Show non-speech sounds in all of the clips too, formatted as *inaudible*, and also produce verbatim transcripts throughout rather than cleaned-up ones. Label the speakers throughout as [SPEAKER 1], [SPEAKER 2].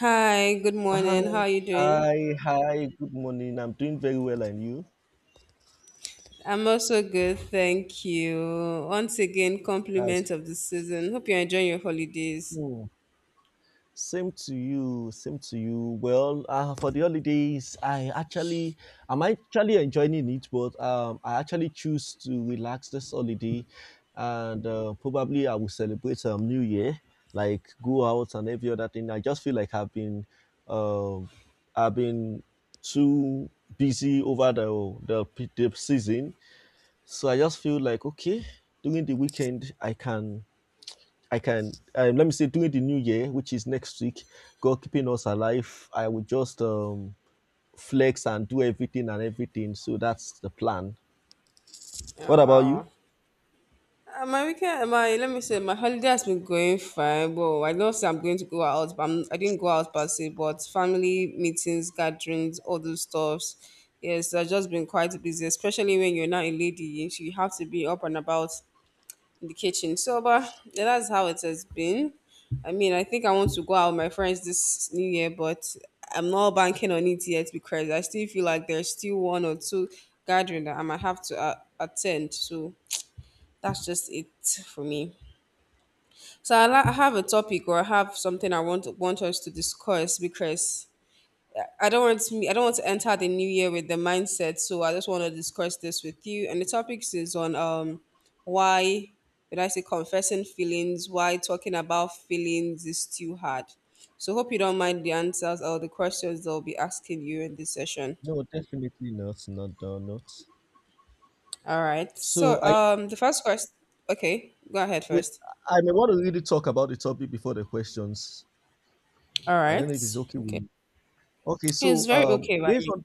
[SPEAKER 1] Hi, good morning. How
[SPEAKER 2] Hi,
[SPEAKER 1] are you doing?
[SPEAKER 2] hi, hi. Good morning. I'm doing very well, and you?
[SPEAKER 1] I'm also good, thank you. Once again, compliment
[SPEAKER 2] That's
[SPEAKER 1] of the season. Hope you're enjoying your holidays.
[SPEAKER 2] cool. same to you. Same to you. Well, uh, for the holidays, I actually, I'm actually enjoying it, but um, I actually choose to relax this holiday, and uh, probably I will celebrate um New Year, like go out and every other thing. I just feel like I've been, um, I've been too busy over the the, the season. So I just feel like okay, during the weekend I can I can um, let me say during the new year, which is next week, God keeping us alive, I will just um flex and do everything and everything. So that's the plan. What
[SPEAKER 1] Oh
[SPEAKER 2] about you?
[SPEAKER 1] wow. Uh, my weekend, uh, my let me say, my holiday has been going fine. Well, I don't say I'm going to go out, but I'm, I didn't go out per se. But family meetings, gatherings, all those stuffs. Yes, I've just been quite busy, especially when you're not a lady. You have to be up and about in the kitchen. So, but yeah, that's how it has been. I mean, I think I want to go out with my friends this new year, but I'm not banking on it yet because I still feel like there's still one or two gathering that I might have to uh, attend. So that's just it for me. So I, la- I have a topic, or I have something I want want us to discuss, because I don't want to, I don't want to enter the new year with the mindset. So I just want to discuss this with you. And the topics is on um why, when I say confessing feelings, why talking about feelings is too hard. So hope you don't mind the answers or the questions they'll be asking you in this session.
[SPEAKER 2] No, definitely not. Not done. Not.
[SPEAKER 1] All right.
[SPEAKER 2] So
[SPEAKER 1] So
[SPEAKER 2] I
[SPEAKER 1] um the first question. Okay, go ahead
[SPEAKER 2] wait,
[SPEAKER 1] first.
[SPEAKER 2] I may want to really talk about the topic before the questions.
[SPEAKER 1] All
[SPEAKER 2] I don't
[SPEAKER 1] right.
[SPEAKER 2] know if it's okay with
[SPEAKER 1] Okay.
[SPEAKER 2] you. Okay,
[SPEAKER 1] It's
[SPEAKER 2] so
[SPEAKER 1] very
[SPEAKER 2] um
[SPEAKER 1] okay by
[SPEAKER 2] based
[SPEAKER 1] me.
[SPEAKER 2] on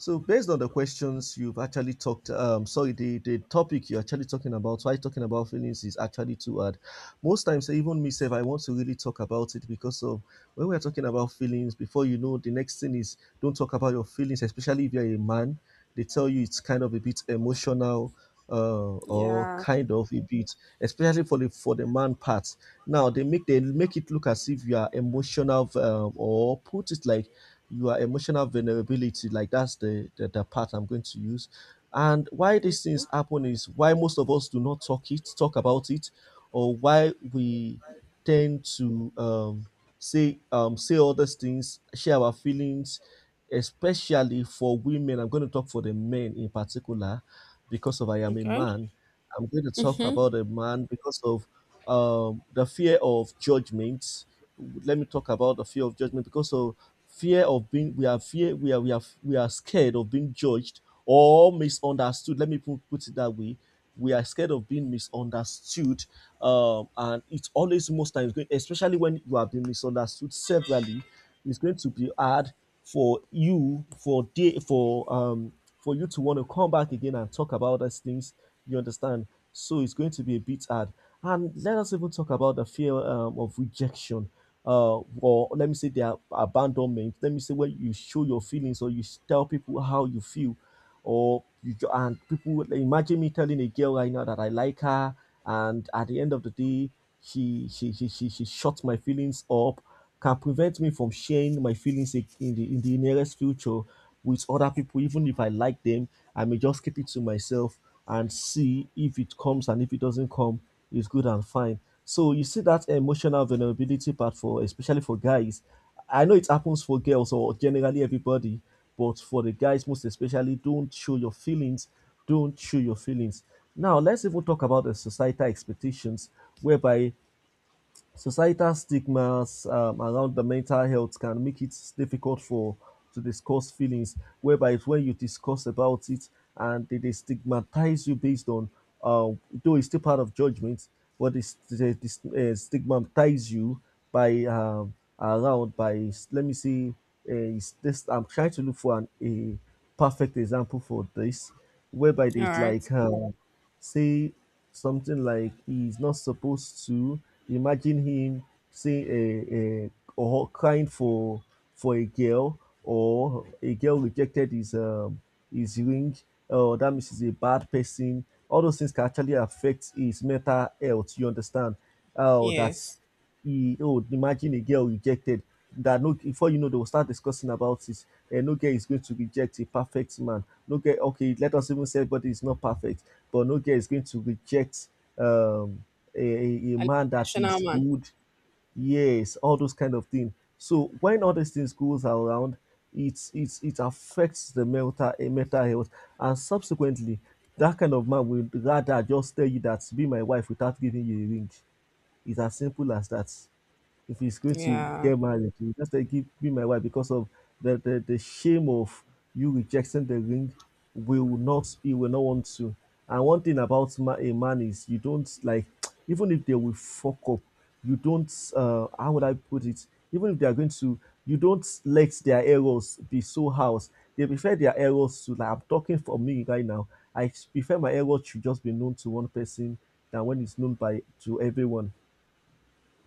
[SPEAKER 2] So based on the questions you've actually talked, um, sorry, the, the topic you're actually talking about, why talking about feelings is actually too hard. Most times, even myself, I want to really talk about it because of when we're talking about feelings, before you know, the next thing is don't talk about your feelings, especially if you're a man. They tell you it's kind of a bit emotional uh, or
[SPEAKER 1] Yeah.
[SPEAKER 2] kind of a bit, especially for the for the man part. Now they make they make it look as if you are emotional um, or put it like your emotional vulnerability, like that's the, the the part I'm going to use. And why these
[SPEAKER 1] Okay.
[SPEAKER 2] things happen is why most of us do not talk it talk about it, or why we tend to um, say um, say all these things, share our feelings. Especially for women, I'm going to talk for the men in particular because of I am a
[SPEAKER 1] Okay.
[SPEAKER 2] man. I'm going to talk
[SPEAKER 1] Mhm.
[SPEAKER 2] about a man because of um, the fear of judgment. Let me talk about the fear of judgment because of fear of being we are fear we are we are we are scared of being judged or misunderstood. Let me put, put it that way, we are scared of being misunderstood. Um, and it's always, most times going, especially when you have been misunderstood severally, it's going to be hard for you for day for um for you to want to come back again and talk about those things, you understand? So it's going to be a bit hard. And let us even talk about the fear um, of rejection, uh, or let me say their abandonment. Let me say when you show your feelings or you s- tell people how you feel, or you, and people would like, imagine me telling a girl right now that I like her, and at the end of the day, she she she she, she shuts my feelings up, can prevent me from sharing my feelings in in the in the nearest future with other people. Even if I like them, I may just keep it to myself and see if it comes, and if it doesn't come, it's good and fine. So you see that emotional vulnerability part, for especially for guys. I know it happens for girls or generally everybody, but for the guys most especially, don't show your feelings. Don't show your feelings. Now, let's even talk about the societal expectations, whereby societal stigmas um, around the mental health can make it difficult for to discuss feelings, whereby it's when you discuss about it and they, they stigmatize you based on, uh, though it's still part of judgment, but they, st- they, they st- eh, stigmatize you by um, around by let me see, uh, is this I'm trying to look for an, a perfect example for this, whereby
[SPEAKER 1] All
[SPEAKER 2] they
[SPEAKER 1] right.
[SPEAKER 2] like. Um, say something like he's not supposed to. Imagine him say a, a or crying for for a girl, or a girl rejected his um his ring. Oh, that means he's a bad person. All those things can actually affect his mental health. You understand? Oh, that's
[SPEAKER 1] Yes.
[SPEAKER 2] he. Oh, imagine a girl rejected. That no, before you know, they will start discussing about it. And no girl is going to reject a perfect man. No girl, okay, let us even say, but is not perfect, but no girl is going to reject um, a, a
[SPEAKER 1] An
[SPEAKER 2] man that
[SPEAKER 1] international
[SPEAKER 2] is
[SPEAKER 1] man.
[SPEAKER 2] good. Yes, all those kind of things. So when all these things goes around, it it it affects the mental eh, mental health, and subsequently, that kind of man will rather just tell you that be my wife without giving you a ring. It's as simple as that. If it's going to
[SPEAKER 1] Yeah,
[SPEAKER 2] get married, you just say, give me my wife, because of the, the, the shame of you rejecting the ring will, not he will not want to. And one thing about ma- a man is you don't like *tsk* even if they will fuck up, you don't, uh how would I put it? Even if they are going to, you don't let their errors be so house. They prefer their errors to, like, I'm talking for me right now. I prefer my errors should just be known to one person than when it's known by to everyone.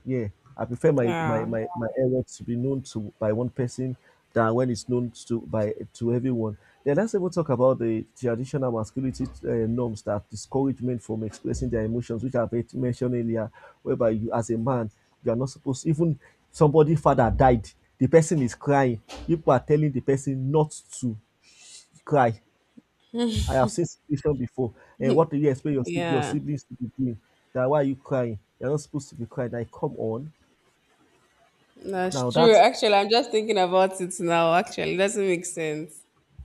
[SPEAKER 2] Yeah, I prefer my my
[SPEAKER 1] yeah,
[SPEAKER 2] my my error to be known to by one person than when it's known to by to everyone. Then let's even talk about the traditional masculinity uh, norms that discourage men from expressing their emotions, which I've already mentioned earlier, whereby you as a man you are not supposed, even somebody father died, the person is crying, people are telling the person not to cry. I have seen situation before. And what do you expect your sib- your
[SPEAKER 1] yeah.
[SPEAKER 2] siblings to be doing? That why are you crying? You're not supposed to be crying. Like, come on.
[SPEAKER 1] That's
[SPEAKER 2] Now that,
[SPEAKER 1] true. Actually, I'm just thinking about it now. Actually, it doesn't make sense.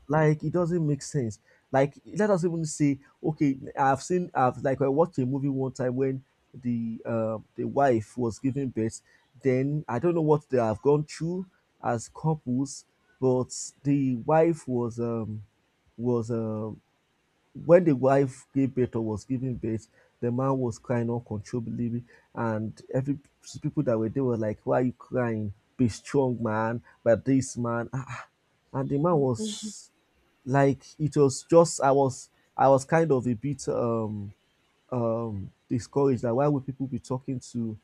[SPEAKER 2] like, it doesn't make sense. Like, let us even say, okay, i've seen i've like I watched a movie one time when the uh, the wife was giving birth. Then I don't know what they have gone through as couples, but the wife was um was um when the wife gave birth or was giving birth, the man was crying uncontrollably, and every people that were there were like, "Why are you crying? Be strong, man! But this man, ah, ah." And the man was, like, it was just I was I was kind of a bit um um discouraged that why would people be talking to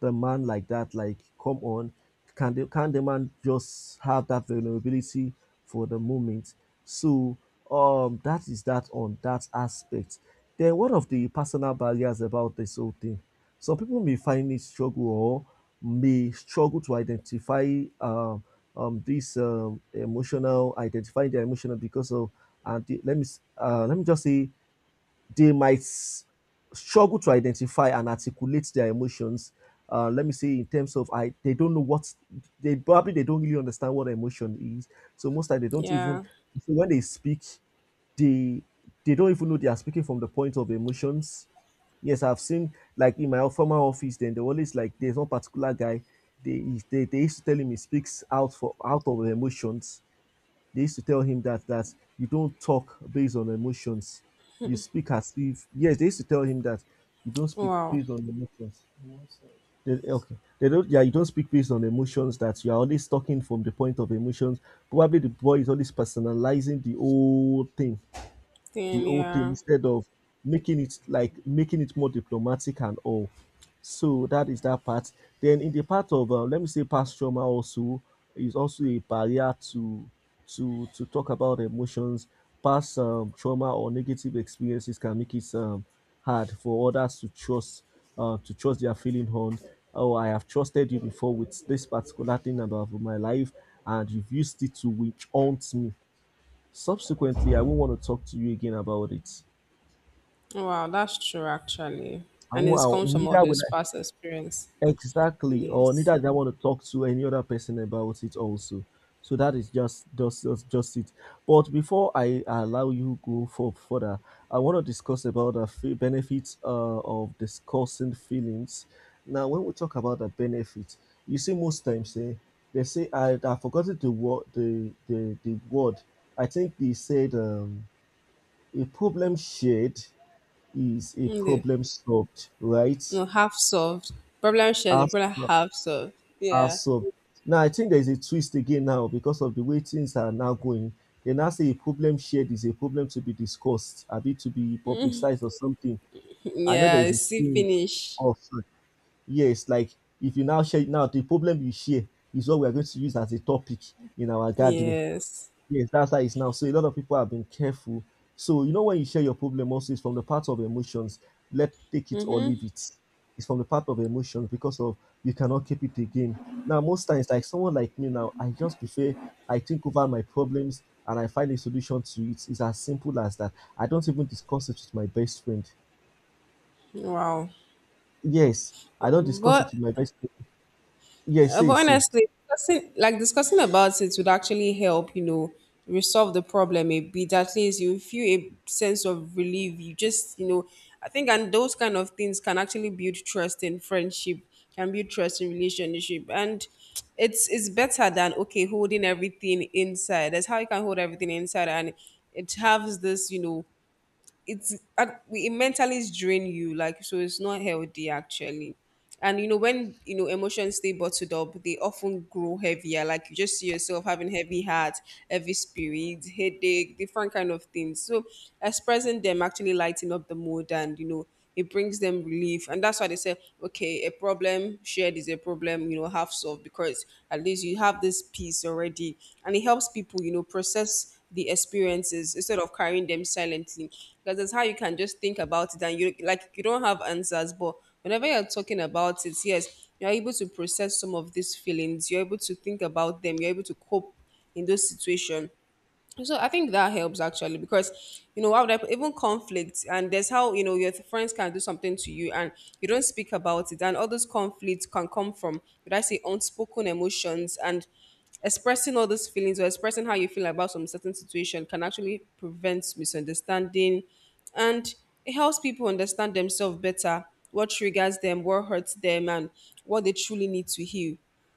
[SPEAKER 2] the man like that. Like, come on, can the can the man just have that vulnerability for the moment? So um that is that on that aspect. Then one of the personal barriers about this whole thing, some people may find it struggle or may struggle to identify um, um this um, emotional identifying their emotional because of and the, let me s- uh, let me just say they might struggle to identify and articulate their emotions. Uh, let me say in terms of I, they don't know what they probably they don't really understand what emotion is. So most time they don't even,
[SPEAKER 1] Yeah.
[SPEAKER 2] so when they speak, they they don't even know they are speaking from the point of emotions. Yes, I've seen, like, in my former office, then they always like, there's one particular guy. They they they used to tell him he speaks out for out of emotions. They used to tell him that that you don't talk based on emotions. You speak as if, yes, they used to tell him that you don't speak
[SPEAKER 1] Wow.
[SPEAKER 2] based on emotions. They, okay. They don't, yeah, you don't speak based on emotions, that you are always talking from the point of emotions. Probably the boy is always personalizing the whole thing the
[SPEAKER 1] Then
[SPEAKER 2] whole thing
[SPEAKER 1] yeah.
[SPEAKER 2] instead of making it like, making it more diplomatic and all. So that is that part. Then in the part of uh, let me say past trauma also is also a barrier to to to talk about emotions. Past um, trauma or negative experiences can make it um, hard for others to trust, uh, to trust their feeling on. Oh, I have trusted you before with this particular thing about my life, and you've used it to witch haunt me. Subsequently, I won't want to talk to you again about it.
[SPEAKER 1] Wow, that's true. Actually,
[SPEAKER 2] I
[SPEAKER 1] and it
[SPEAKER 2] won't, I,
[SPEAKER 1] comes from all
[SPEAKER 2] neither will
[SPEAKER 1] this
[SPEAKER 2] I,
[SPEAKER 1] past experience.
[SPEAKER 2] exactly, or
[SPEAKER 1] Yes.
[SPEAKER 2] neither do I want to talk to any other person about it. Also, so that is just just just, just it. But before I allow you go for further, I want to discuss about the fe- benefits uh, of discussing feelings. Now, when we talk about the benefit, you see, most times eh, they say, I I forgotten the word, the the the word. I think they said um, a problem shared is a
[SPEAKER 1] Mm, the-
[SPEAKER 2] problem solved, right?
[SPEAKER 1] No, half solved. Problem shared. The
[SPEAKER 2] As
[SPEAKER 1] problem half solved.
[SPEAKER 2] as
[SPEAKER 1] Yeah.
[SPEAKER 2] solved. Now I think there is a twist again now because of the way things are now going. They now say a problem shared is a problem to be discussed, a bit to be publicized or something.
[SPEAKER 1] *laughs*
[SPEAKER 2] I know there
[SPEAKER 1] Yeah.
[SPEAKER 2] is a
[SPEAKER 1] See
[SPEAKER 2] saying
[SPEAKER 1] finish.
[SPEAKER 2] of yes, like if you now share now, the problem you share is what we are going to use as a topic in our gathering.
[SPEAKER 1] Yes.
[SPEAKER 2] Yes, that's how it's now. So a lot of people have been careful. So you know, when you share your problem also, it's from the part of emotions. Let take it or leave it. It's from the part of emotions because of you cannot keep it again. Now most times, like someone like me now, I just prefer I think over my problems and I find a solution to it. It's as simple as that. I don't even discuss it with my best friend.
[SPEAKER 1] Wow.
[SPEAKER 2] Yes, I don't discuss it
[SPEAKER 1] But
[SPEAKER 2] with my best friend. Yes,
[SPEAKER 1] Uh, but
[SPEAKER 2] say say.
[SPEAKER 1] honestly, discussing, like discussing about it would actually help, you know, resolve the problem a bit. At least you feel a sense of relief. You just, you know, I think, and those kind of things can actually build trust in friendship, can build trust in relationship, and it's it's better than okay holding everything inside. That's how you can hold everything inside, and it has this, you know, it's ac- it mentally drain you, like, so it's not healthy actually. And you know when you know emotions stay bottled up, they often grow heavier, like you just see yourself having heavy heart, heavy spirit, headache, different kind of things. So expressing them actually lighten up the mood, and you know it brings them relief. And that's why they say, okay, a problem shared is a problem you know half solved, because at least you have this piece already, and it helps people you know process the experiences instead of carrying them silently, because that's how you can just think about it and you like you don't have answers. But whenever you're talking about it, yes, you're able to process some of these feelings, you're able to think about them, you're able to cope in those situations. So I think that helps actually, because you know how would I put- even conflict, and there's how you know your friends can do something to you and you don't speak about it, and all those conflicts can come from, would I say, unspoken emotions. And expressing all those feelings, or expressing how you feel about some certain situation, can actually prevent misunderstanding, and it helps people understand themselves better, what triggers them, what hurts them, and what they truly need to heal.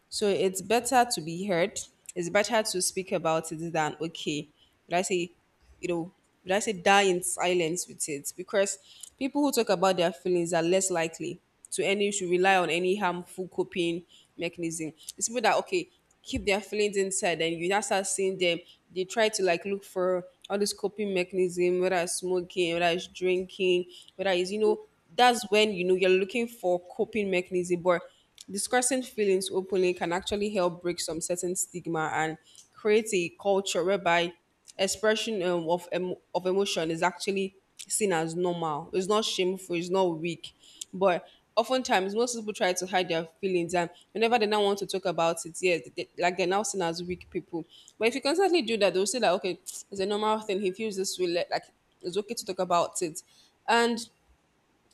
[SPEAKER 1] So it's better to be heard. It's better to speak about it than, okay, but I say, you know, but I say die in silence with it, because people who talk about their feelings are less likely to any to rely on any harmful coping mechanism. It's people that okay keep their feelings inside, and you now start seeing them. They try to, like, look for all this coping mechanism, whether it's smoking, whether it's drinking, whether it's you know, that's when you know you're looking for coping mechanism. But discussing feelings openly can actually help break some certain stigma and create a culture whereby expression um, of, em- of emotion is actually seen as normal. It's not shameful, it's not weak. But oftentimes, most people try to hide their feelings, and whenever they now want to talk about it, yes, they, like they're now seen as weak people. But if you constantly do that, they'll say, like, okay, it's a normal thing, he feels this way, Let- like, it's okay to talk about it. And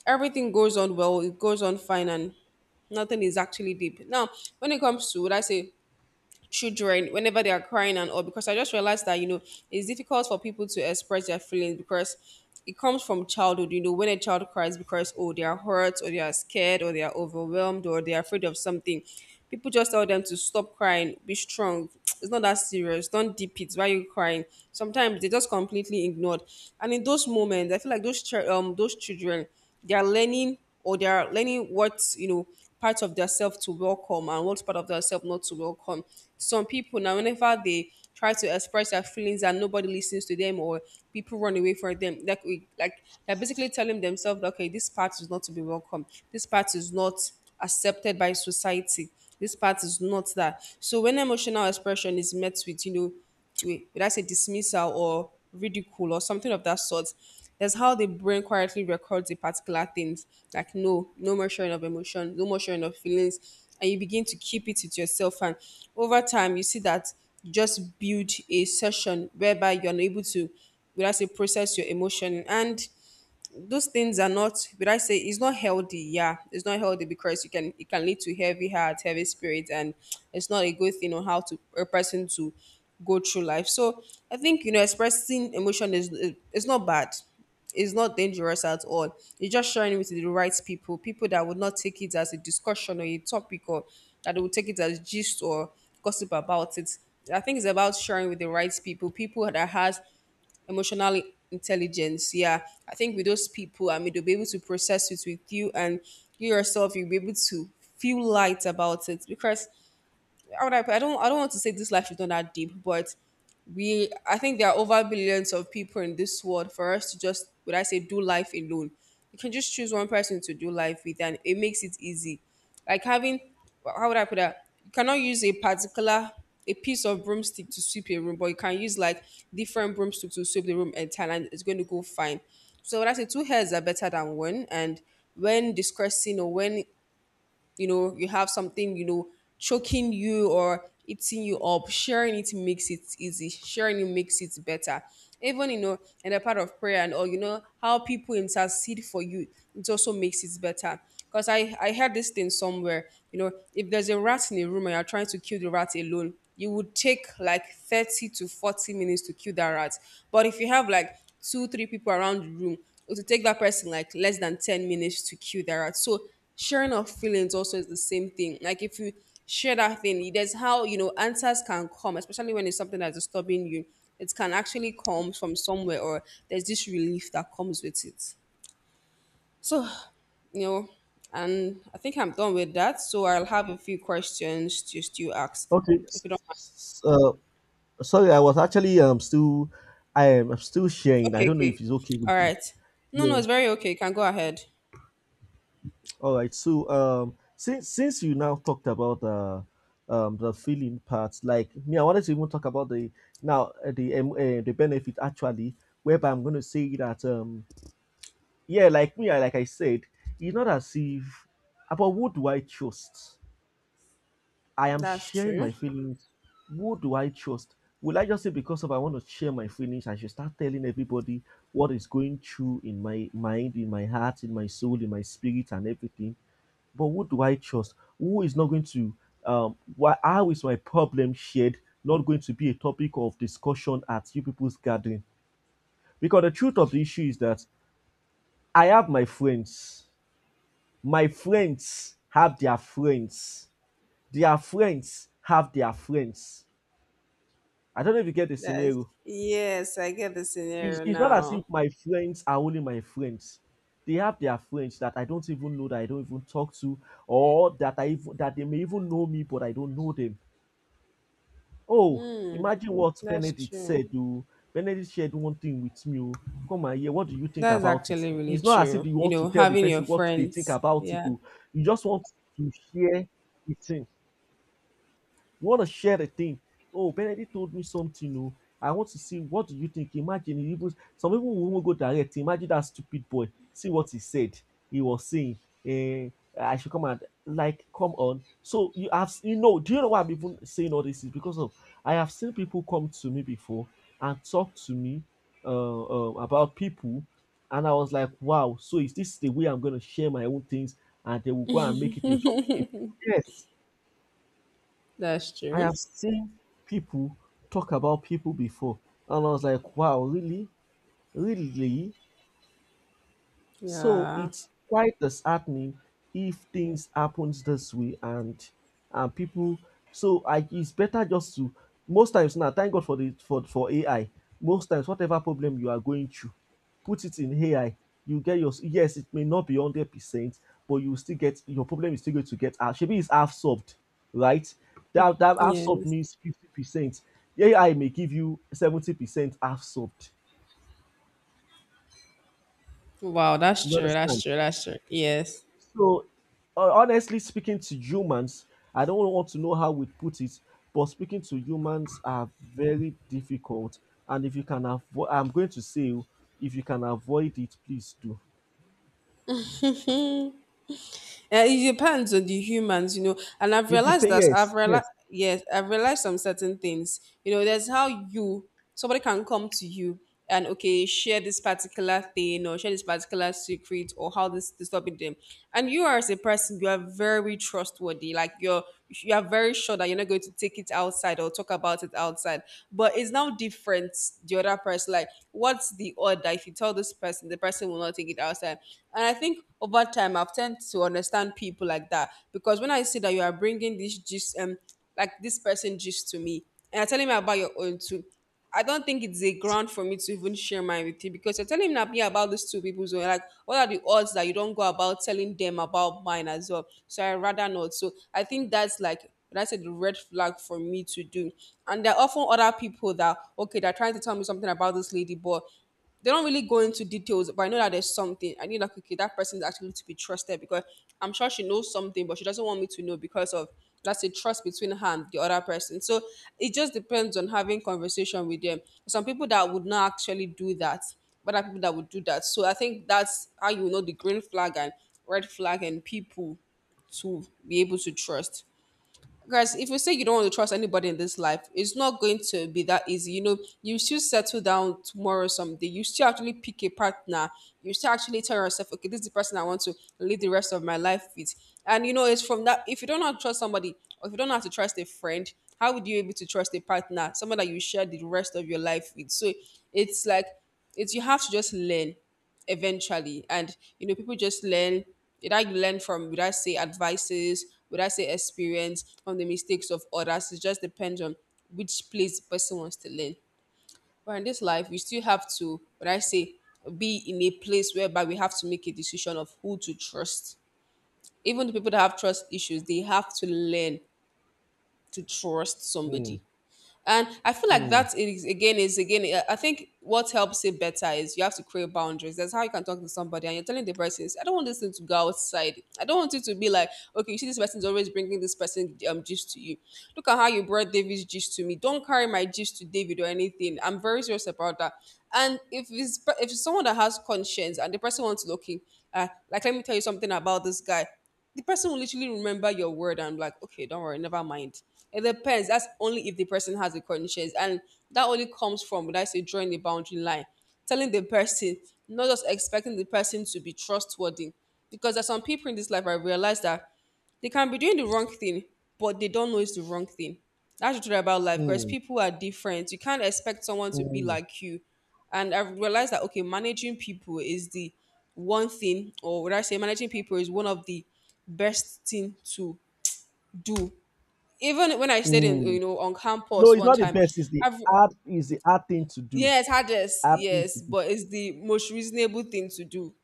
[SPEAKER 1] everything goes on well, it goes on fine, and nothing is actually deep. Now, when it comes to, would I say, children, whenever they are crying and all, because I just realized that you know it's difficult for people to express their feelings, because it comes from childhood. You know, when a child cries because, oh, they are hurt, or they are scared, or they are overwhelmed, or they are afraid of something, people just tell them to stop crying, be strong. *tsk* It's not that serious. Don't deep it. Why are you crying? Sometimes they just completely ignored. And in those moments, I feel like those chil- um those children, they are learning or they are learning what you know part of their self to welcome and what part of their self not to welcome. Some people now, whenever they try to express their feelings and nobody listens to them, or people run away from them, like we like they're basically telling themselves that, okay, this part is not to be welcome. This part is not accepted by society. This part is not that. So when emotional expression is met with, you know, wait, did I say, dismissal or ridicule or something of that sort. That's how the brain quietly records the particular things. Like, no, no more sharing of emotion, no more sharing of feelings. And you begin to keep it with yourself. And over time you see that you just build a session whereby you're unable to, without say, process your emotion. And those things are, not but I say, it's not healthy. Yeah, it's not healthy, because you can it can lead to heavy heart, heavy spirit, and it's not a good thing on how to a person to go through life. So i think you know expressing emotion, is it's not bad, it's not dangerous at all. You're just sharing it with the right people, people that would not take it as a discussion or a topic, or that they would take it as gist or gossip about it. I think it's about sharing with the right people, people that has emotional intelligence. Yeah, I think with those people, I mean, they'll be able to process it with you, and you yourself, you'll be able to feel light about it. Because how would I put- I don't I don't want to say this life is not that deep, but we I think there are over billions of people in this world for us to just, would I say, do life alone. You can just choose one person to do life with and it makes it easy. Like, having, how would I put that? You cannot use a particular a piece of broomstick to sweep a room, but you can use, like, different broomsticks to sweep the room entire and it's going to go fine. So, when I say two heads are better than one, and when discussing, or when you know you have something you know choking you or eating you up, sharing it makes it easy, sharing it makes it better. Even you know in the part of prayer and all, you know how people intercede for you, it also makes it better, because i i heard this thing somewhere. You know if there's a rat in a room and you're trying to kill the rat alone, you would take like thirty to forty minutes to kill that rat. But if you have like two three people around the room, it will take that person like less than ten minutes to kill that rat. So sharing of feelings also is the same thing. Like, if you share that thing, there's how you know answers can come, especially when it's something that's disturbing you. It can actually come from somewhere, or there's this relief that comes with it. So, you know, and I think I'm done with that. So I'll have a few questions to still ask,
[SPEAKER 2] Okay.
[SPEAKER 1] if
[SPEAKER 2] s-
[SPEAKER 1] you don't mind.
[SPEAKER 2] s- Uh, Sorry, I was actually um still I am I'm still sharing. I
[SPEAKER 1] Okay,
[SPEAKER 2] don't know
[SPEAKER 1] okay,
[SPEAKER 2] if it's okay with
[SPEAKER 1] all
[SPEAKER 2] you.
[SPEAKER 1] right. No, no,
[SPEAKER 2] Yeah.
[SPEAKER 1] it's very okay. You can go ahead.
[SPEAKER 2] All right. So um since since you now talked about the um the feeling part, like me, I wanted to even talk about the now uh, the um, uh, the benefit actually, whereby I'm going to say that um yeah, like me, I like I said, it's not as if about who do I trust I am
[SPEAKER 1] That's
[SPEAKER 2] sharing
[SPEAKER 1] true.
[SPEAKER 2] my feelings. Who do I trust? Will I just say because of I want to share my feelings, I should start telling everybody what is going through in my mind, in my heart, in my soul, in my spirit, and everything? But who do I trust? Who is not going to? Um, why? How is my problem shared? Not going to be a topic of discussion at you people's gathering. Because the truth of the issue is that I have my friends. My friends have their friends. Their friends have their friends. I don't know if you get the
[SPEAKER 1] That's
[SPEAKER 2] scenario.
[SPEAKER 1] Yes, I get the
[SPEAKER 2] It's,
[SPEAKER 1] scenario
[SPEAKER 2] it's not as
[SPEAKER 1] now.
[SPEAKER 2] if my friends are only my friends. They have their friends that I don't even know, that I don't even talk to, or that I even, that they may even know me, but I don't know them. Oh, imagine what
[SPEAKER 1] That's
[SPEAKER 2] Benedict
[SPEAKER 1] true.
[SPEAKER 2] said. Oh, Benedict shared one thing with me. Oh, come and hear. What do you think
[SPEAKER 1] That's
[SPEAKER 2] about it?
[SPEAKER 1] actually really
[SPEAKER 2] It's not as if
[SPEAKER 1] true.
[SPEAKER 2] you
[SPEAKER 1] You
[SPEAKER 2] want to
[SPEAKER 1] know,
[SPEAKER 2] tell the
[SPEAKER 1] having your
[SPEAKER 2] person what they think
[SPEAKER 1] friends.
[SPEAKER 2] about it.
[SPEAKER 1] Yeah,
[SPEAKER 2] Oh, you just want to share it. You want to share a thing. Oh, Benedict told me something. Oh, I want to see what do you think. Imagine he even some people will go direct. Imagine that stupid boy. See what he said. He was saying, eh, I should come and like come on. So you have, you know, do you know why I'm even saying all this is because of I have seen people come to me before and talk to me uh, uh, about people, and I was like, wow. So is this the way I'm going to share my own things, and they will go and make it a topic? Yes.
[SPEAKER 1] that's
[SPEAKER 2] I
[SPEAKER 1] true.
[SPEAKER 2] have seen people talk about people before, and I was like, wow, really? Really? So
[SPEAKER 1] Yeah.
[SPEAKER 2] it's quite disheartening if things happens this way and and people, so I it's better just to most times now thank God for the for for A I. Most times whatever problem you are going through, put it in A I. You get your yes, it may not be hundred percent, but you still get your problem is still going to get half. Maybe it's half solved, right? That that half solved
[SPEAKER 1] Yes.
[SPEAKER 2] means fifty percent. A I may give you seventy percent half solved.
[SPEAKER 1] Wow, that's
[SPEAKER 2] You
[SPEAKER 1] true. That's
[SPEAKER 2] understand?
[SPEAKER 1] true. That's true. Yes.
[SPEAKER 2] So, ho honestly speaking to humans, I don't really want to know how we put it, but speaking to humans are very difficult. And if you can avoid, I'm going to say, oh, if you can avoid it, please do.
[SPEAKER 1] And it depends on the humans, you know. And I've
[SPEAKER 2] It
[SPEAKER 1] realized
[SPEAKER 2] depends.
[SPEAKER 1] that I've
[SPEAKER 2] Yes,
[SPEAKER 1] realized,
[SPEAKER 2] yes.
[SPEAKER 1] yes, I've realized some certain things. You know, there's how you, somebody can come to you and, okay, share this particular thing or share this particular secret or how this disturbing them. And you are as a person, you are very trustworthy. Like you're, you are very sure that you're not going to take it outside or talk about it outside. But it's now different. The other person, like, what's the order? If you tell this person, the person will not take it outside. And I think over time, I've tend to understand people like that, because when I see that you are bringing this gist, um, like this person gist to me, and I tell him about your own too, I don't think it's a ground for me to even share mine with you, because you're telling me me about these two people. So like, what are the odds that you don't go about telling them about mine as well? So I rather not. So I think that's like that's a red flag for me to do. And there are often other people that, okay, they're trying to tell me something about this lady, but they don't really go into details, but I know that there's something. I need, like, okay, that person is actually to be trusted, because I'm sure she knows something, but she doesn't want me to know because of that's a trust between her and the other person. So it just depends on having conversation with them. Some people that would not actually do that, but there are people that would do that. So I think that's how you know the green flag and red flag and people to be able to trust. Guys, if you say you don't want to trust anybody in this life, it's not going to be that easy. You know, you still settle down tomorrow someday. You still actually pick a partner. You still actually tell yourself, okay, this is the person I want to live the rest of my life with. And you know, it's from that. If you don't know how to trust somebody, or if you don't know how to trust a friend, how would you be able to trust a partner, someone that you share the rest of your life with? So it's like it's you have to just learn eventually. And you know, people just learn. Did I learn from? Would I say advices? Would I say experience from the mistakes of others? It just depends on which place the person wants to learn. But in this life, we still have to, what I say, be in a place whereby we have to make a decision of who to trust. Even the people that have trust issues, they have to learn to trust
[SPEAKER 2] Mm,
[SPEAKER 1] somebody. And I feel like
[SPEAKER 2] mm,
[SPEAKER 1] that is again is again. uh, I think what helps it better is you have to create boundaries. That's how you can talk to somebody and you're telling the person, "I don't want this thing to go outside. I don't want it to be like, okay, you see, this person's always bringing this person um gist to you. Look at how you brought David's gist to me. Don't carry my gist to David or anything. I'm very serious about that." And if it's if it's someone that has conscience and the person wants to look, uh, like, let me tell you something about this guy, the person will literally remember your word and be like, okay, don't worry, never mind. It depends. That's only if the person has a conscience. And that only comes from, would I say, drawing the boundary line, telling the person, not just expecting the person to be trustworthy. Because there's some people in this life, I realize that they can be doing the wrong thing, but they don't know it's the wrong thing. That's the truth about life, because
[SPEAKER 2] mm,
[SPEAKER 1] people are different. You can't expect someone to be
[SPEAKER 2] mm,
[SPEAKER 1] like you. And I realized that, okay, managing people is the one thing, or would I say managing people is one of the best thing to do. Even when I stayed in you
[SPEAKER 2] mm.
[SPEAKER 1] know on
[SPEAKER 2] No,
[SPEAKER 1] campus
[SPEAKER 2] it's
[SPEAKER 1] one
[SPEAKER 2] not the
[SPEAKER 1] time,
[SPEAKER 2] best. It's the
[SPEAKER 1] I've
[SPEAKER 2] hard. It's the hard thing to do.
[SPEAKER 1] yes, hardest,
[SPEAKER 2] Hard thing to
[SPEAKER 1] yes,
[SPEAKER 2] do.
[SPEAKER 1] but it's the most reasonable thing to do.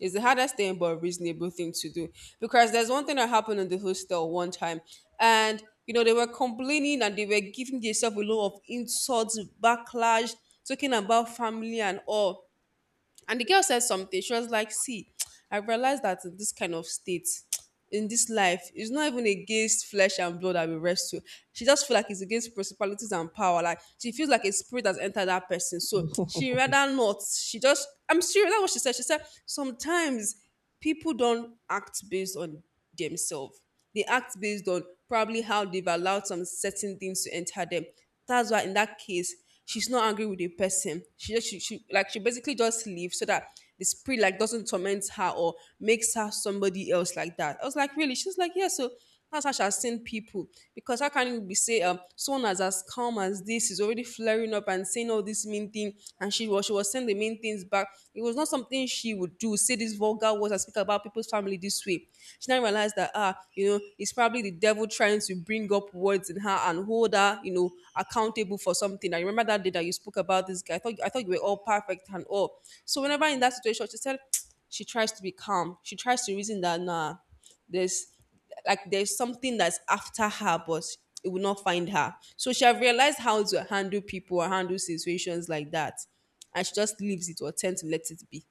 [SPEAKER 1] It's the hardest thing, but reasonable thing to do. Because there's one thing that happened in the hostel one time, and you know they were complaining and they were giving themselves a lot of insults, backlash, talking about family and all. And the girl said something. She was like, "See, I realized that in this kind of state, in this life, it's not even against flesh and blood that we wrestle." She just feel like it's against principalities and power. Like, she feels like a spirit has entered that person. So she rather not. She just I'm serious. That's what she said. She said sometimes people don't act based on themselves. They act based on probably how they've allowed some certain things to enter them. That's why, in that case, she's not angry with the person. She just she, she like she basically just leaves so that the spirit like doesn't torment her or makes her somebody else like that. I was like, really? She's like, yeah. So that's how she has seen people, because how can you be say um someone as as calm as this is already flaring up and saying all this mean thing, and she was she was saying the mean things back. It was not something she would do. Say these vulgar words and speak about people's family this way. She now realized that, ah you know it's it's probably the devil trying to bring up words in her and hold her, you know, accountable for something. I remember that day that you spoke about this guy. I thought I thought you were all perfect and all. So whenever in that situation, she said *tsk* she tries to be calm. She tries to reason that, nah, there's like there's something that's after her, but it will not find her. So she have realized how to handle people or handle situations like that, and she just leaves it or tend to let it be.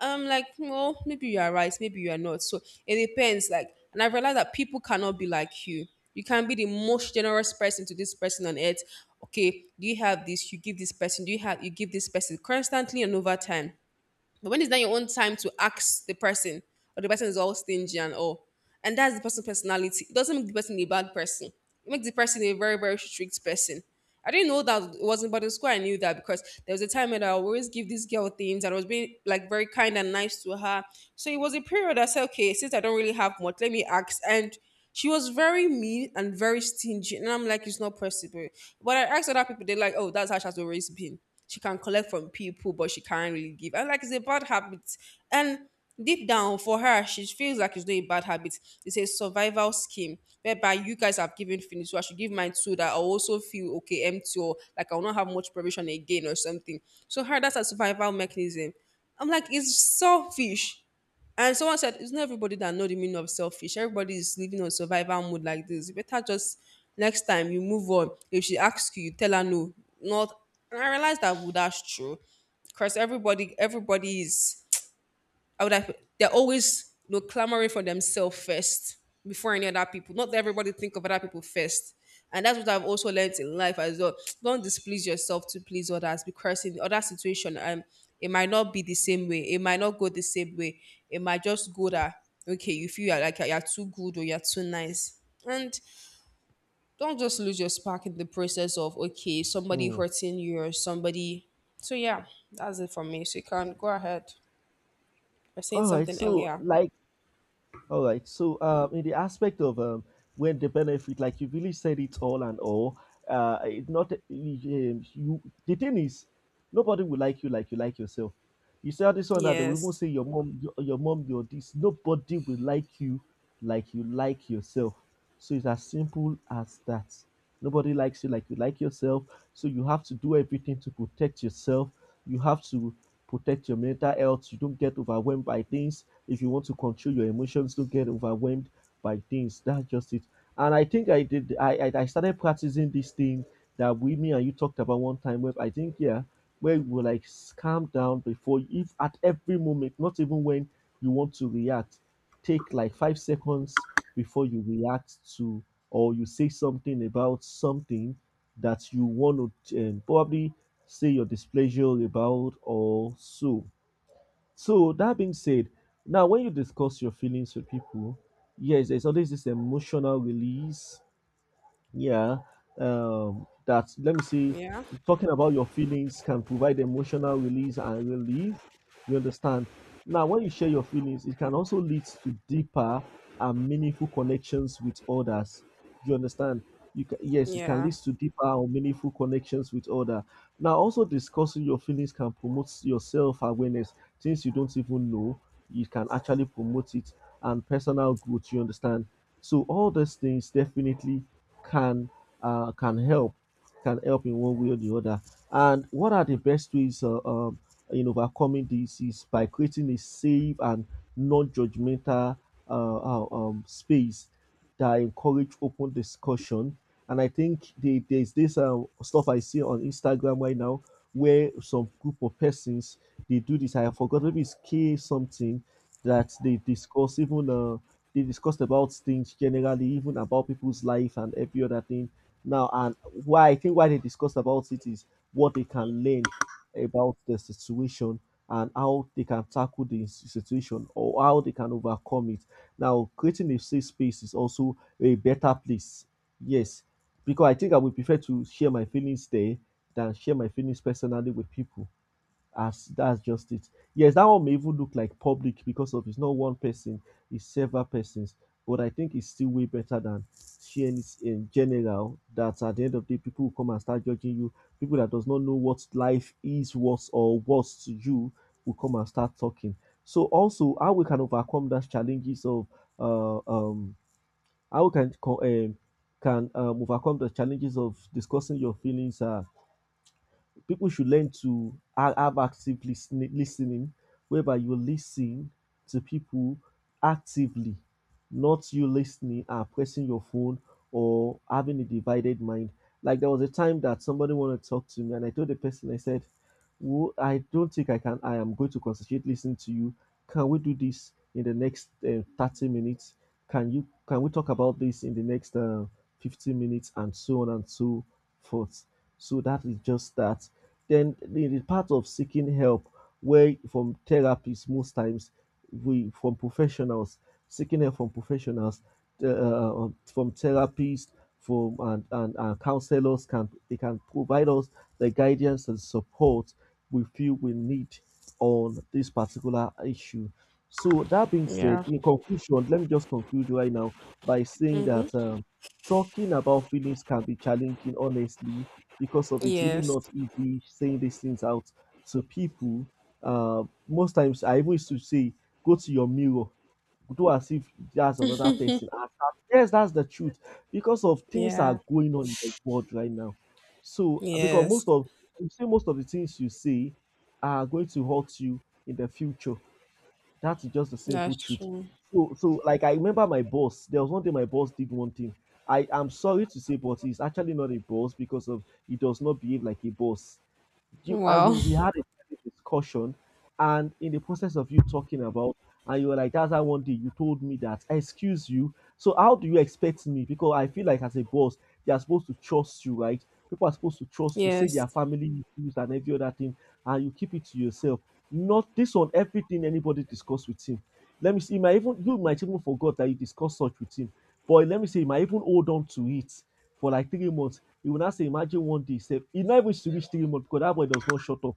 [SPEAKER 1] I'm like, well, maybe you are right, maybe you are not. So it depends. Like, and I realized that people cannot be like you. You can be the most generous person to this person on earth. Okay, do you have this? You give this person. Do you have? You give this person constantly and over time. But when it's not your own time to ask the person, or the person is all stingy and all, and that's the person's personality. It doesn't make the person a bad person. It makes the person a very, very strict person. I didn't know that it wasn't, but in school I knew that, because there was a time when I would always give this girl things and I was being like very kind and nice to her. So it was a period I said, okay, since I don't really have much, let me ask. And she was very mean and very stingy. And I'm like, it's not possible. But I asked other people, they're like, oh, that's how she's always been. She can collect from people, but she can't really give. And, like, it's a bad habit. And deep down for her, she feels like it's not a bad habit. It's a survival scheme whereby you guys have given finish. So I should give mine too, that I also feel okay, empty, or like I'll not have much provision again or something. So her, that's a survival mechanism. I'm like, it's selfish. And someone said, it's not everybody that know the meaning of selfish. Everybody is living on survival mode like this. You better just next time you move on. If she asks you, you tell her no. Not And I realized that, well, that's true. Because everybody everybody is I would have they're always, you know, clamoring for themselves first before any other people. Not that everybody think of other people first. And that's what I've also learned in life as well. *tsk* Don't displease yourself to please others, because in the other situation, um, it might not be the same way. It might not go the same way. It might just go that, okay, you feel you're like you're too good or you're too nice. And don't just lose your spark in the process of, okay, somebody
[SPEAKER 2] Mm.
[SPEAKER 1] hurting you or somebody. So yeah, that's it for me. So you can go ahead. I was saying
[SPEAKER 2] All right.
[SPEAKER 1] something
[SPEAKER 2] So,
[SPEAKER 1] earlier.
[SPEAKER 2] like. All right. So, um, in the aspect of um, when the benefit, like you really said it all and all, uh, it not um, you. The thing is, nobody will like you like you like yourself. You say all this one that they will even
[SPEAKER 1] Yes.
[SPEAKER 2] say your mom, your, your mom, your this. Nobody will like you like you like yourself. So it's as simple as that. Nobody likes you like you like yourself. So you have to do everything to protect yourself. You have to protect your mental health. You don't get overwhelmed by things. If you want to control your emotions, don't get overwhelmed by things. That's just it. And I think I did. I I, I started practicing this thing that we, me, and you talked about one time. Where I think yeah, where you will like s- calm down before if at every moment, not even when you want to react, take like five seconds before you react to or you say something about something that you want to um, probably say your displeasure about or so. So that being said, now when you discuss your feelings with people, yes, there's always this emotional release yeah, um, that let me see.
[SPEAKER 1] Yeah.
[SPEAKER 2] Talking about your feelings can provide emotional release and relief. You understand? Now, when you share your feelings, it can also lead to deeper and meaningful connections with others. You understand? You can, yes, it can
[SPEAKER 1] Yeah.
[SPEAKER 2] lead to deeper and meaningful connections with others. Now, also discussing your feelings can promote your self awareness, things you don't even know. You can actually promote it and personal growth. You understand? So all those things definitely can uh, can help can help in one way or the other. And what are the best ways uh, um, in overcoming this is by creating a safe and non-judgmental uh, uh, um, space that encourage open discussion. And I think the, there's this uh stuff I see on Instagram right now where some group of persons they do this. I forgot maybe it's K something that they discuss even uh, they discussed about things generally, even about people's life and every other thing. Now, and why I think why they discussed about it is what they can learn about the situation and how they can tackle the s- situation or how they can overcome it. Now, creating a safe space is also a better place. Yes, because I think I would prefer to share my feelings there than share my feelings personally with people. As that's just it. Yes, that one may even look like public because of it's not one person, it's several persons. But I think it's still way better than sharing it in general. That at the end of the day, people will come and start judging you. People that does not know what life is, what's or what's to you, will come and start talking. So also, how we can overcome those challenges of uh, um, how we can co- um, can um, overcome the challenges of discussing your feelings. Uh, people should learn to ha- have active listening, listening, whereby you listen to people actively, not you listening and pressing your phone or having a divided mind. Like there was a time that somebody wanted to talk to me, and I told the person, I said, well, I don't think I can. I am going to concentrate listening to you. Can we do this in the next uh, thirty minutes? Can you can we talk about this in the next uh, fifteen minutes and so on and so forth? So that is just that. Then the, the part of seeking help, where from therapists most times, we from professionals seeking help from professionals, uh, from therapists, from and, and, and counselors can they can provide us the guidance and support we feel we need on this particular issue. So that being said,
[SPEAKER 1] Yeah.
[SPEAKER 2] in conclusion, let me just conclude right now by saying that
[SPEAKER 1] Mm-hmm.
[SPEAKER 2] um, talking about feelings can be challenging, honestly, because of it's really
[SPEAKER 1] Yes.
[SPEAKER 2] not easy saying these things out to people. Uh, most times, I even used to say, go to your mirror, do as if that's another person.
[SPEAKER 1] *laughs*
[SPEAKER 2] As- as- Yes, that's the truth because of things
[SPEAKER 1] Yeah.
[SPEAKER 2] are going on in the world right now. So, uh, because
[SPEAKER 1] Yes.
[SPEAKER 2] most of you say most of the things you say are going to hurt you in the future. That's just the simple
[SPEAKER 1] That's
[SPEAKER 2] truth.
[SPEAKER 1] true.
[SPEAKER 2] So, so like I remember my boss. There was one day my boss did one thing. I am sorry to say, but he's actually not a boss because of he does not behave like a boss. You I
[SPEAKER 1] Wow.
[SPEAKER 2] we, we had
[SPEAKER 1] *laughs*
[SPEAKER 2] a private discussion and in the process of you talking about and you were like that's how one day you told me that excuse you, so how do you expect me, because I feel like as a boss they are supposed to trust you, right? People are supposed to trust you say
[SPEAKER 1] Yes.
[SPEAKER 2] their family issues and every other thing, and you keep it to yourself. Not this one. Everything anybody discuss with him, let me see, he might even you might even forgot that you discussed such with him, but let me say he might even hold on to it for like three months. You will now say, imagine one day, say, he not even to reach three months because that boy does not shut up.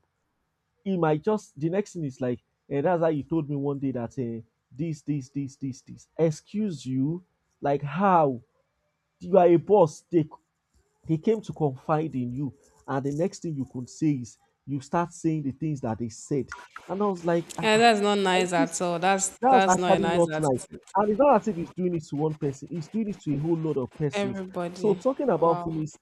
[SPEAKER 2] He might just, the next thing is like, and that's how you told me one day that uh, this, this, this, this, this. Excuse you? Like, how? You are a boss. They, they came to confide in you. And the next thing you could say is, you start saying the things that they said. And I was like, ah,
[SPEAKER 1] Yeah,
[SPEAKER 2] ah,
[SPEAKER 1] that's not
[SPEAKER 2] I,
[SPEAKER 1] nice at
[SPEAKER 2] this,
[SPEAKER 1] all. That's
[SPEAKER 2] that's
[SPEAKER 1] that's not a
[SPEAKER 2] actually
[SPEAKER 1] nice
[SPEAKER 2] not nice.
[SPEAKER 1] attitude.
[SPEAKER 2] And it's not as if he's doing it to one person, he's doing it to a whole lot of persons. So
[SPEAKER 1] Everybody.
[SPEAKER 2] talking about
[SPEAKER 1] Wow.
[SPEAKER 2] feminism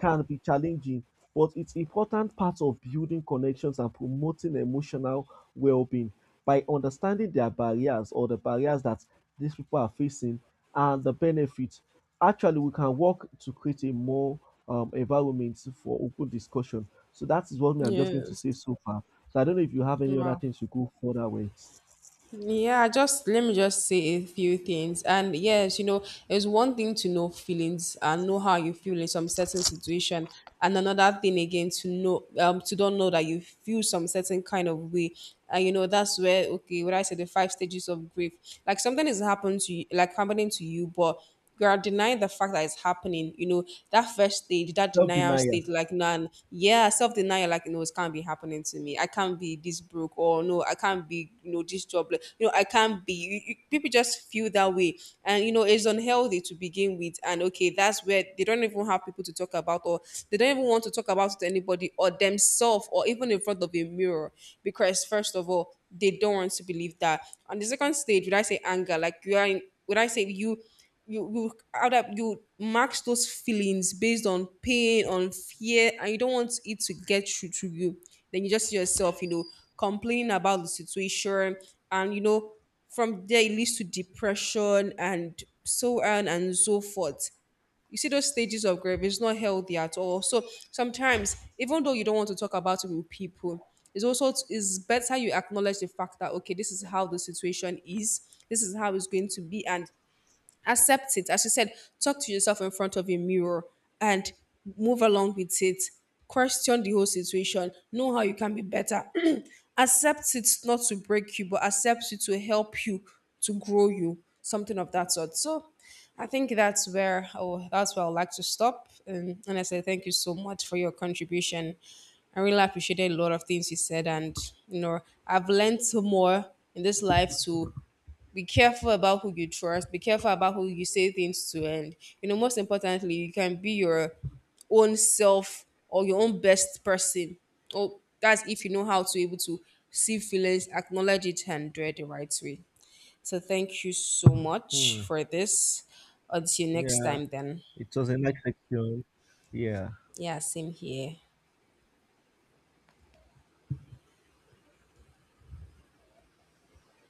[SPEAKER 2] can be challenging, but it's important part of building connections and promoting emotional well-being by understanding their barriers or the barriers that these people are facing and the benefits. Actually, we can work to create a more um, environment for open discussion. So that is what me I'm just going to
[SPEAKER 1] Yes.
[SPEAKER 2] say so far. So I don't know if you have any other
[SPEAKER 1] Wow.
[SPEAKER 2] things to go further with.
[SPEAKER 1] Yeah, just let me just say a few things. And yes, you know, it's one thing to know feelings and know how you feel in some certain situation, and another thing again to know um to don't know that you feel some certain kind of way. And you know, that's where, okay, what I said the five stages of grief. Like, something is happened to you, like, happening to you, but you are denying the fact that it's happening. You know, that first stage, that
[SPEAKER 2] Self
[SPEAKER 1] denial
[SPEAKER 2] denial.
[SPEAKER 1] stage, like, none, yeah, self denial, like, no, it can't be happening to me. I can't be this broke, or no, I can't be, you know, this jobless. You know, I can't be. You, you, people just feel that way. And, you know, it's unhealthy to begin with. And, okay, that's where they don't even have people to talk about, or they don't even want to talk about it to anybody, or themselves, or even in front of a mirror. Because, first of all, they don't want to believe that. On the second stage, would I say anger? Like, you are in, would I say you? you you out up you max those feelings based on pain, on fear, and you don't want it to get through to you. Then you just see yourself, you know complaining about the situation, and you know from there it leads to depression and so on and so forth. You see those stages of grief, it's not healthy at all. So sometimes, even though you don't want to talk about it with people, it's also it's better you acknowledge the fact that, okay, this is how the situation is, this is how it's going to be, and accept it. As you said, talk to yourself in front of a mirror and move along with it. Question the whole situation. Know how you can be better. *clears throat* Accept it not to break you, but accept it to help you, to grow you, something of that sort. So I think that's where oh that's where I'd like to stop. And and I say thank you so much for your contribution. I really appreciated a lot of things you said, and you know I've learned so more in this life, to be careful about who you trust, be careful about who you say things to, and you know most importantly you can be your own self or your own best person. oh that's if you know how to able to see feelings, acknowledge it, and do it the right way. So thank you so much
[SPEAKER 2] Hmm.
[SPEAKER 1] for this. Until next
[SPEAKER 2] Yeah,
[SPEAKER 1] time then.
[SPEAKER 2] it was a nice section. Yeah.
[SPEAKER 1] Yeah, same here.